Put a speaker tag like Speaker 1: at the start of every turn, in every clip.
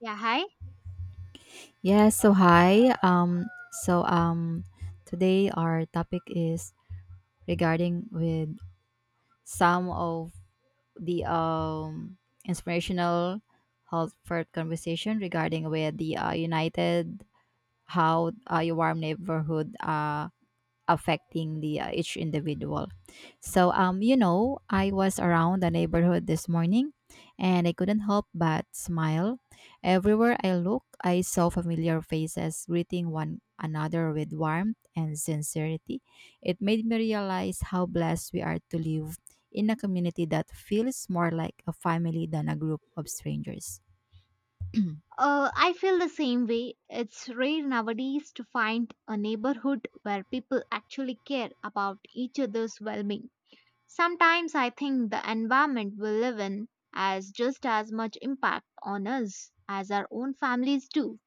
Speaker 1: Yeah, hi.
Speaker 2: Yes, so hi. So um Today our topic is regarding with some of the inspirational Halford conversation regarding with the United how your warm neighborhood affecting the each individual. I was around the neighborhood this morning, and I couldn't help but smile. Everywhere I looked, I saw familiar faces greeting one another with warmth and sincerity. It made me realize how blessed we are to live in a community that feels more like a family than a group of strangers.
Speaker 1: I feel the same way. It's rare nowadays to find a neighborhood where people actually care about each other's well being. Sometimes I think the environment we live in has just as much impact on us as our own families do.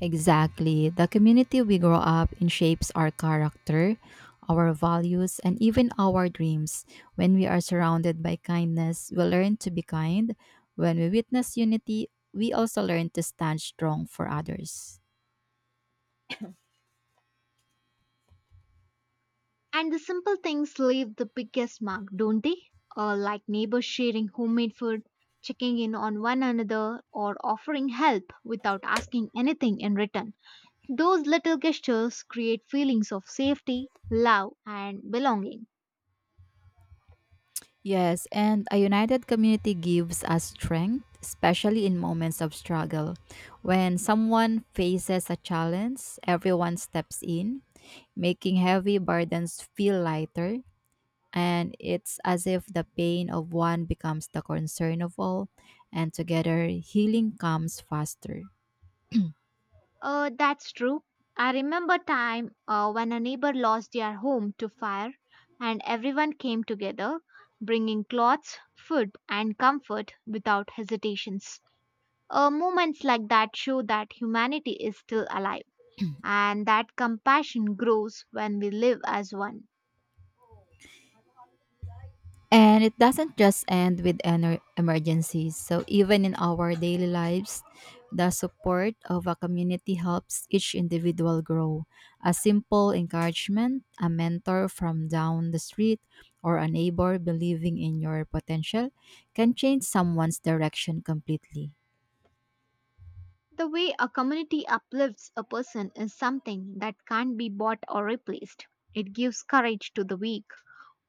Speaker 2: Exactly. The community we grow up in shapes our character, our values, and even our dreams. When we are surrounded by kindness, we learn to be kind. When we witness unity, we also learn to stand strong for others.
Speaker 1: And the simple things leave the biggest mark, don't they? Like neighbors sharing homemade food, checking in on one another, or offering help without asking anything in return. Those little gestures create feelings of safety, love, and belonging.
Speaker 2: Yes, and a united community gives us strength, especially in moments of struggle. When someone faces a challenge, everyone steps in, making heavy burdens feel lighter. And it's as if the pain of one becomes the concern of all, and together healing comes faster. うん。
Speaker 1: That's true. I remember time when a neighbor lost their home to fire, and everyone came together, bringing clothes, food, and comfort without hesitations. Moments like that show that humanity is still alive,
Speaker 2: うん。
Speaker 1: and that compassion grows when we live as one.
Speaker 2: And it doesn't just end with emergencies. So, even in our daily lives, the support of a community helps each individual grow. A simple encouragement, a mentor from down the street, or a neighbor believing in your potential can change someone's direction completely.
Speaker 1: The way a community uplifts a person is something that can't be bought or replaced. It gives courage to the weak,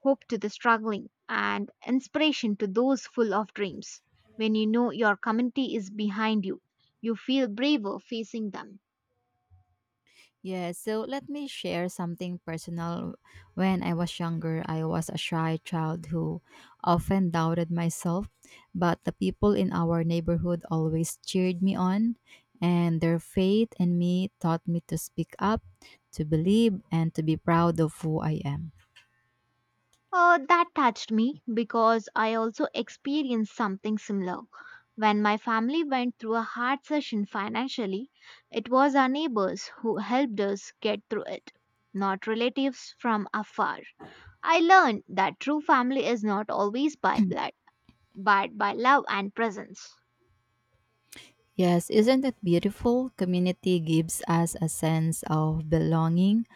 Speaker 1: hope to the struggling, and inspiration to those full of dreams. When you know your community is behind you, you feel braver facing them.
Speaker 2: Yeah, so let me share something personal. When I was younger, I was a shy child who often doubted myself, but the people in our neighborhood always cheered me on, and their faith in me taught me to speak up, to believe, and to be proud of who I am.
Speaker 1: That touched me because I also experienced something similar. When my family went through a hard session financially, it was our neighbors who helped us get through it, not relatives from afar. I learned that true family is not always by blood, but by love and presence.
Speaker 2: Yes, isn't it beautiful? Community gives us a sense of belonging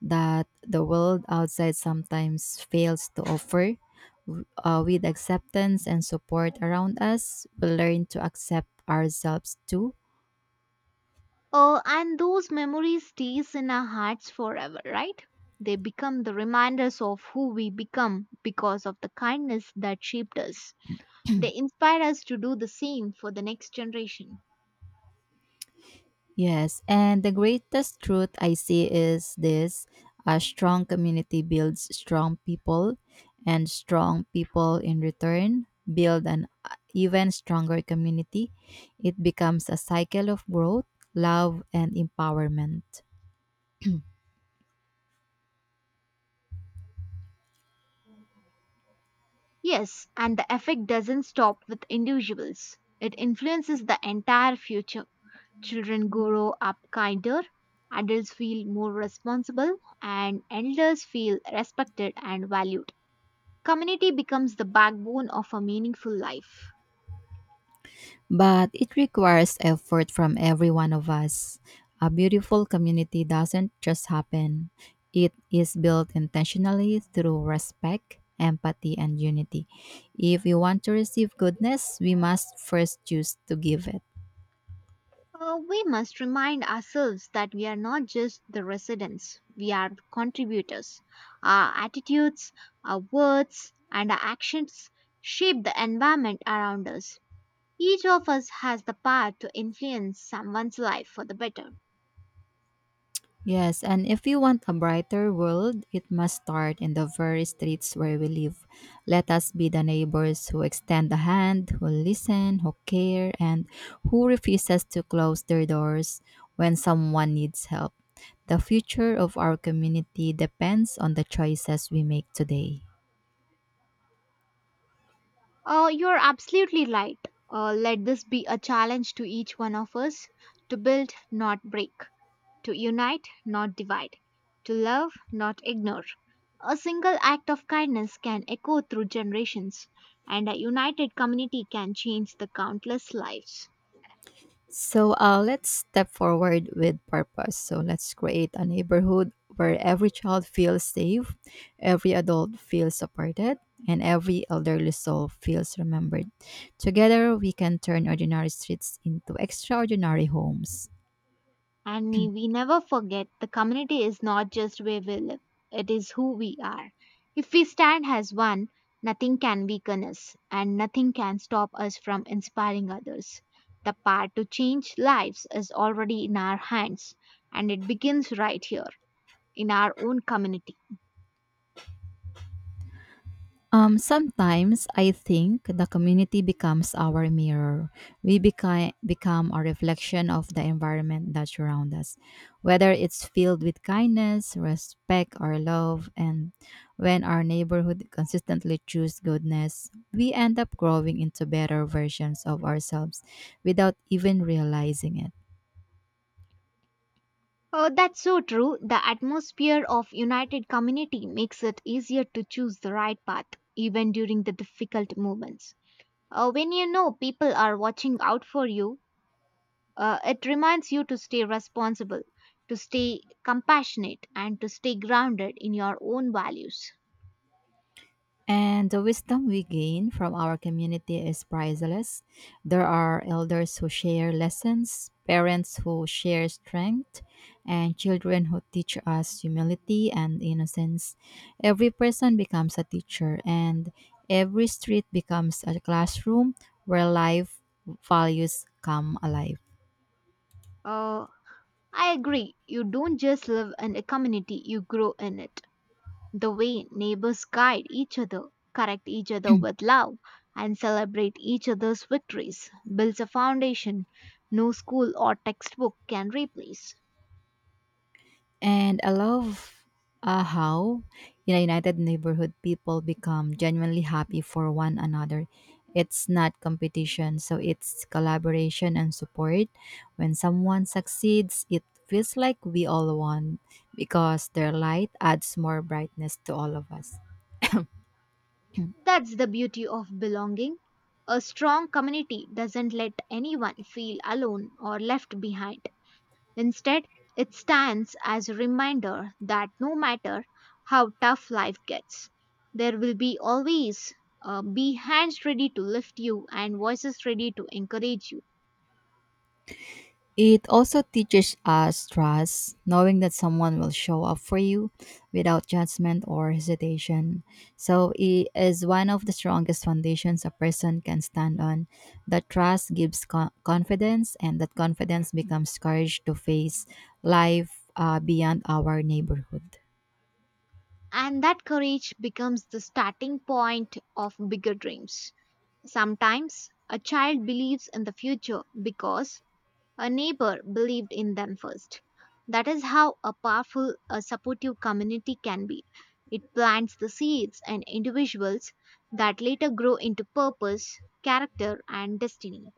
Speaker 2: that the world outside sometimes fails to offer. With acceptance and support around us, we learn to accept ourselves too.
Speaker 1: Oh, and those memories stays in our hearts forever, right? They become the reminders of who we become because of the kindness that shaped us. They inspire us to do the same for the next generation.
Speaker 2: Yes, and the greatest truth I see is this: a strong community builds strong people, and strong people in return build an even stronger community. It becomes a cycle of growth, love, and empowerment.
Speaker 1: Yes, and the effect doesn't stop with individuals. It influences the entire future. Children grow up kinder, adults feel more responsible, and elders feel respected and valued. Community becomes the backbone of a meaningful life.
Speaker 2: But it requires effort from every one of us. A beautiful community doesn't just happen, it is built intentionally through respect, empathy, and unity. If we want to receive goodness, we must first choose to give it.
Speaker 1: We must remind ourselves that we are not just the residents, we are the contributors. Our attitudes, our words, and our actions shape the environment around us. Each of us has the power to influence someone's life for the better.
Speaker 2: Yes, and if you want a brighter world, it must start in the very streets where we live. Let us be the neighbors who extend a hand, who listen, who care, and who refuses to close their doors when someone needs help. The future of our community depends on the choices we make today.
Speaker 1: You're absolutely right. Let this be a challenge to each one of us to build, not break. To unite, not divide, to love, not ignore. A single act of kindness can echo through generations, and a united community can change the countless lives.
Speaker 2: Let's step forward with purpose. So let's create a neighborhood where every child feels safe, every adult feels supported, and every elderly soul feels remembered. Together, we can turn ordinary streets into extraordinary homes.
Speaker 1: And may we never forget the community is not just where we live, it is who we are. If we stand as one, nothing can weaken us, and nothing can stop us from inspiring others. The power to change lives is already in our hands, and it begins right here in our own community.
Speaker 2: Sometimes I think the community becomes our mirror. We become a reflection of the environment that surround us, whether it's filled with kindness, respect, or love. And when our neighborhood consistently choose goodness, we end up growing into better versions of ourselves without even realizing it.
Speaker 1: Oh, that's so true. The atmosphere of united community makes it easier to choose the right path, even during the difficult moments. When you know people are watching out for you, it reminds you to stay responsible, to stay compassionate, and to stay grounded in your own values.
Speaker 2: And the wisdom we gain from our community is priceless. There are elders who share lessons, parents who share strength, and children who teach us humility and innocence. Every person becomes a teacher, and every street becomes a classroom where life values come alive.
Speaker 1: Uh, I agree. You don't just live in a community, you grow in it. The way neighbors guide each other, correct each other with love, and celebrate each other's victories builds a foundation no school or textbook can replace.
Speaker 2: And I love how in a united neighborhood people become genuinely happy for one another. It's not competition, so it's collaboration and support. When someone succeeds, it feels like we all won because their light adds more brightness to all of us.
Speaker 1: That's the beauty of belonging. A strong community doesn't let anyone feel alone or left behind. Instead, it stands as a reminder that no matter how tough life gets, there will be always be hands ready to lift you and voices ready to encourage you.
Speaker 2: It also teaches us trust, knowing that someone will show up for you without judgment or hesitation. So it is one of the strongest foundations a person can stand on. That trust gives confidence, and that confidence becomes courage to face life beyond our neighborhood.
Speaker 1: And that courage becomes the starting point of bigger dreams. Sometimes a child believes in the future because a neighbor believed in them first. That is how a powerful, a supportive community can be. It plants the seeds and individuals that later grow into purpose, character, and destiny.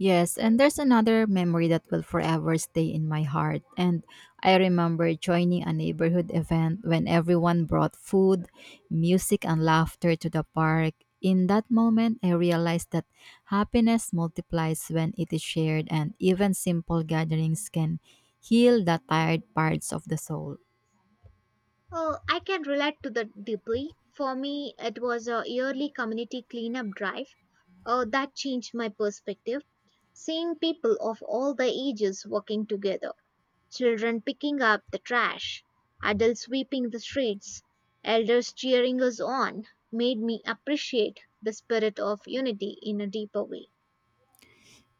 Speaker 2: Yes, and there's another memory that will forever stay in my heart. And I remember joining a neighborhood event when everyone brought food, music, and laughter to the park. In that moment, I realized that happiness multiplies when it is shared, and even simple gatherings can heal the tired parts of the soul.
Speaker 1: Oh, I can relate to that deeply. For me, it was a yearly community cleanup drive. Oh, that changed my perspective. Seeing people of all the ages working together, children picking up the trash, adults sweeping the streets, elders cheering us on made me appreciate the spirit of unity in a deeper way.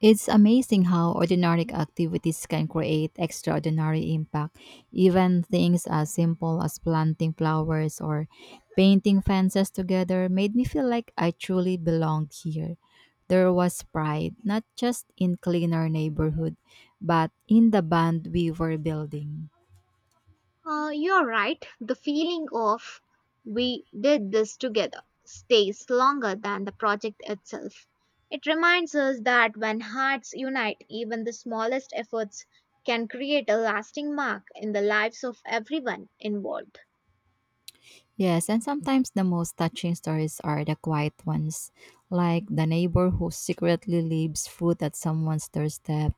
Speaker 2: It's amazing how ordinary activities can create extraordinary impact. Even things as simple as planting flowers or painting fences together made me feel like I truly belonged here. There was pride, not just in cleaner neighborhood, but in the band we were building.
Speaker 1: You're right, the feeling of we did this together stays longer than the project itself. It reminds us that when hearts unite, even the smallest efforts can create a lasting mark in the lives of everyone involved.
Speaker 2: Yes, and sometimes the most touching stories are the quiet ones, like the neighbor who secretly leaves fruit at someone's doorstep,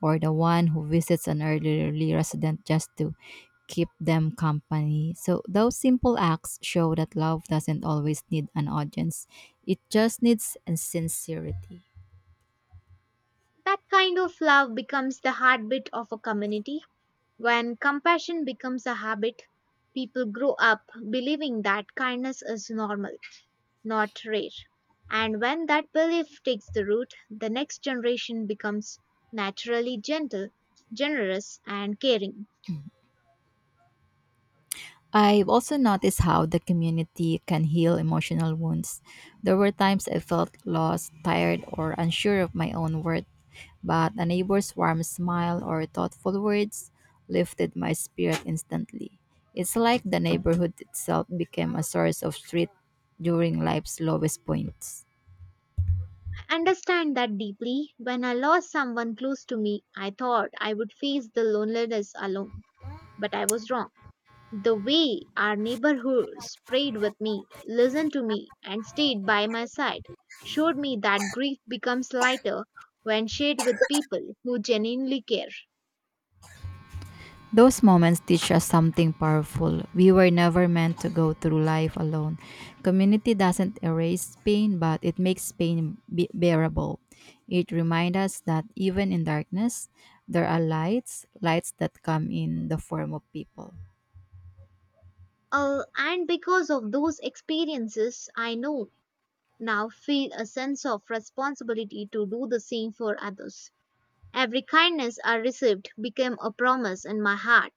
Speaker 2: or the one who visits an elderly resident just to keep them company. So, those simple acts show that love doesn't always need an audience, it just needs sincerity.
Speaker 1: That kind of love becomes the heartbeat of a community. When compassion becomes a habit, people grow up believing that kindness is normal, not rare. And when that belief takes the root, the next generation becomes naturally gentle, generous, and caring.
Speaker 2: I've also noticed how the community can heal emotional wounds. There were times I felt lost, tired, or unsure of my own worth, but a neighbor's warm smile or thoughtful words lifted my spirit instantly. It's like the neighborhood itself became a source of strength during life's lowest points.
Speaker 1: I understand that deeply. When I lost someone close to me, I thought I would face the loneliness alone, but I was wrong. The way our neighborhoods prayed with me, listened to me, and stayed by my side showed me that grief becomes lighter when shared with people who genuinely care.
Speaker 2: Those moments teach us something powerful. We were never meant to go through life alone. Community doesn't erase pain, but it makes bearable. It reminds us that even in darkness, there are lights, lights that come in the form of people.
Speaker 1: And because of those experiences, I know now feel a sense of responsibility to do the same for others. Every kindness I received became a promise in my heart,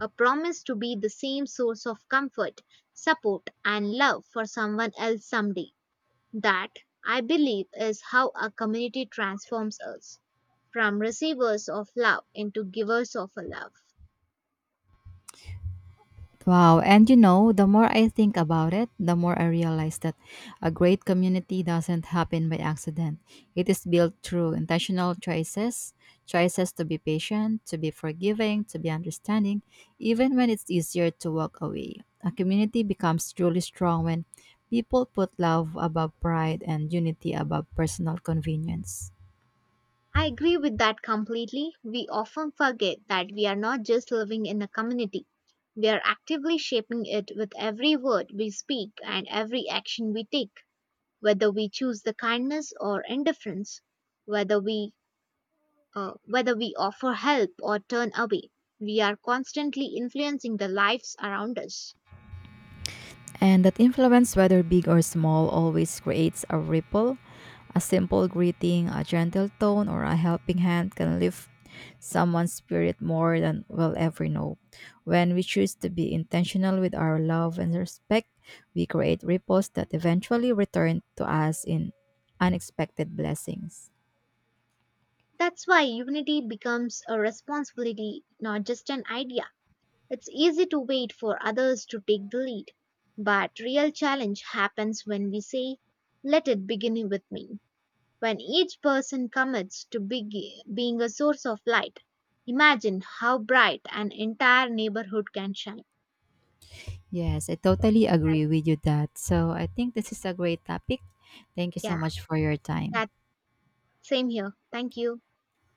Speaker 1: a promise to be the same source of comfort, support, and love for someone else someday. That, I believe, is how a community transforms us from receivers of love into givers of a love.
Speaker 2: Wow. And you know, the more I think about it, the more I realize that a great community doesn't happen by accident. It is built through intentional choices, choices to be patient, to be forgiving, to be understanding, even when it's easier to walk away. A community becomes truly strong when people put love above pride and unity above personal convenience.
Speaker 1: I agree with that completely. We often forget that we are not just living in a community, we are actively shaping it with every word we speak and every action we take, whether we choose the kindness or indifference, whether we whether we offer help or turn away. We are constantly influencing the lives around us.
Speaker 2: And that influence, whether big or small, always creates a ripple. A simple greeting, a gentle tone, or a helping hand can lift someone's spirit more than we'll ever know. When we choose to be intentional with our love and respect, we create ripples that eventually return to us in unexpected blessings.
Speaker 1: That's why unity becomes a responsibility, not just an idea. It's easy to wait for others to take the lead, but real challenge happens when we say, let it begin with me. When each person commits to being a source of light, imagine how bright an entire neighborhood can shine.
Speaker 2: Yes, I totally agree with you that. So I think this is a great topic. Thank you so
Speaker 1: Yeah,
Speaker 2: much for your time.
Speaker 1: that same here. Thank you.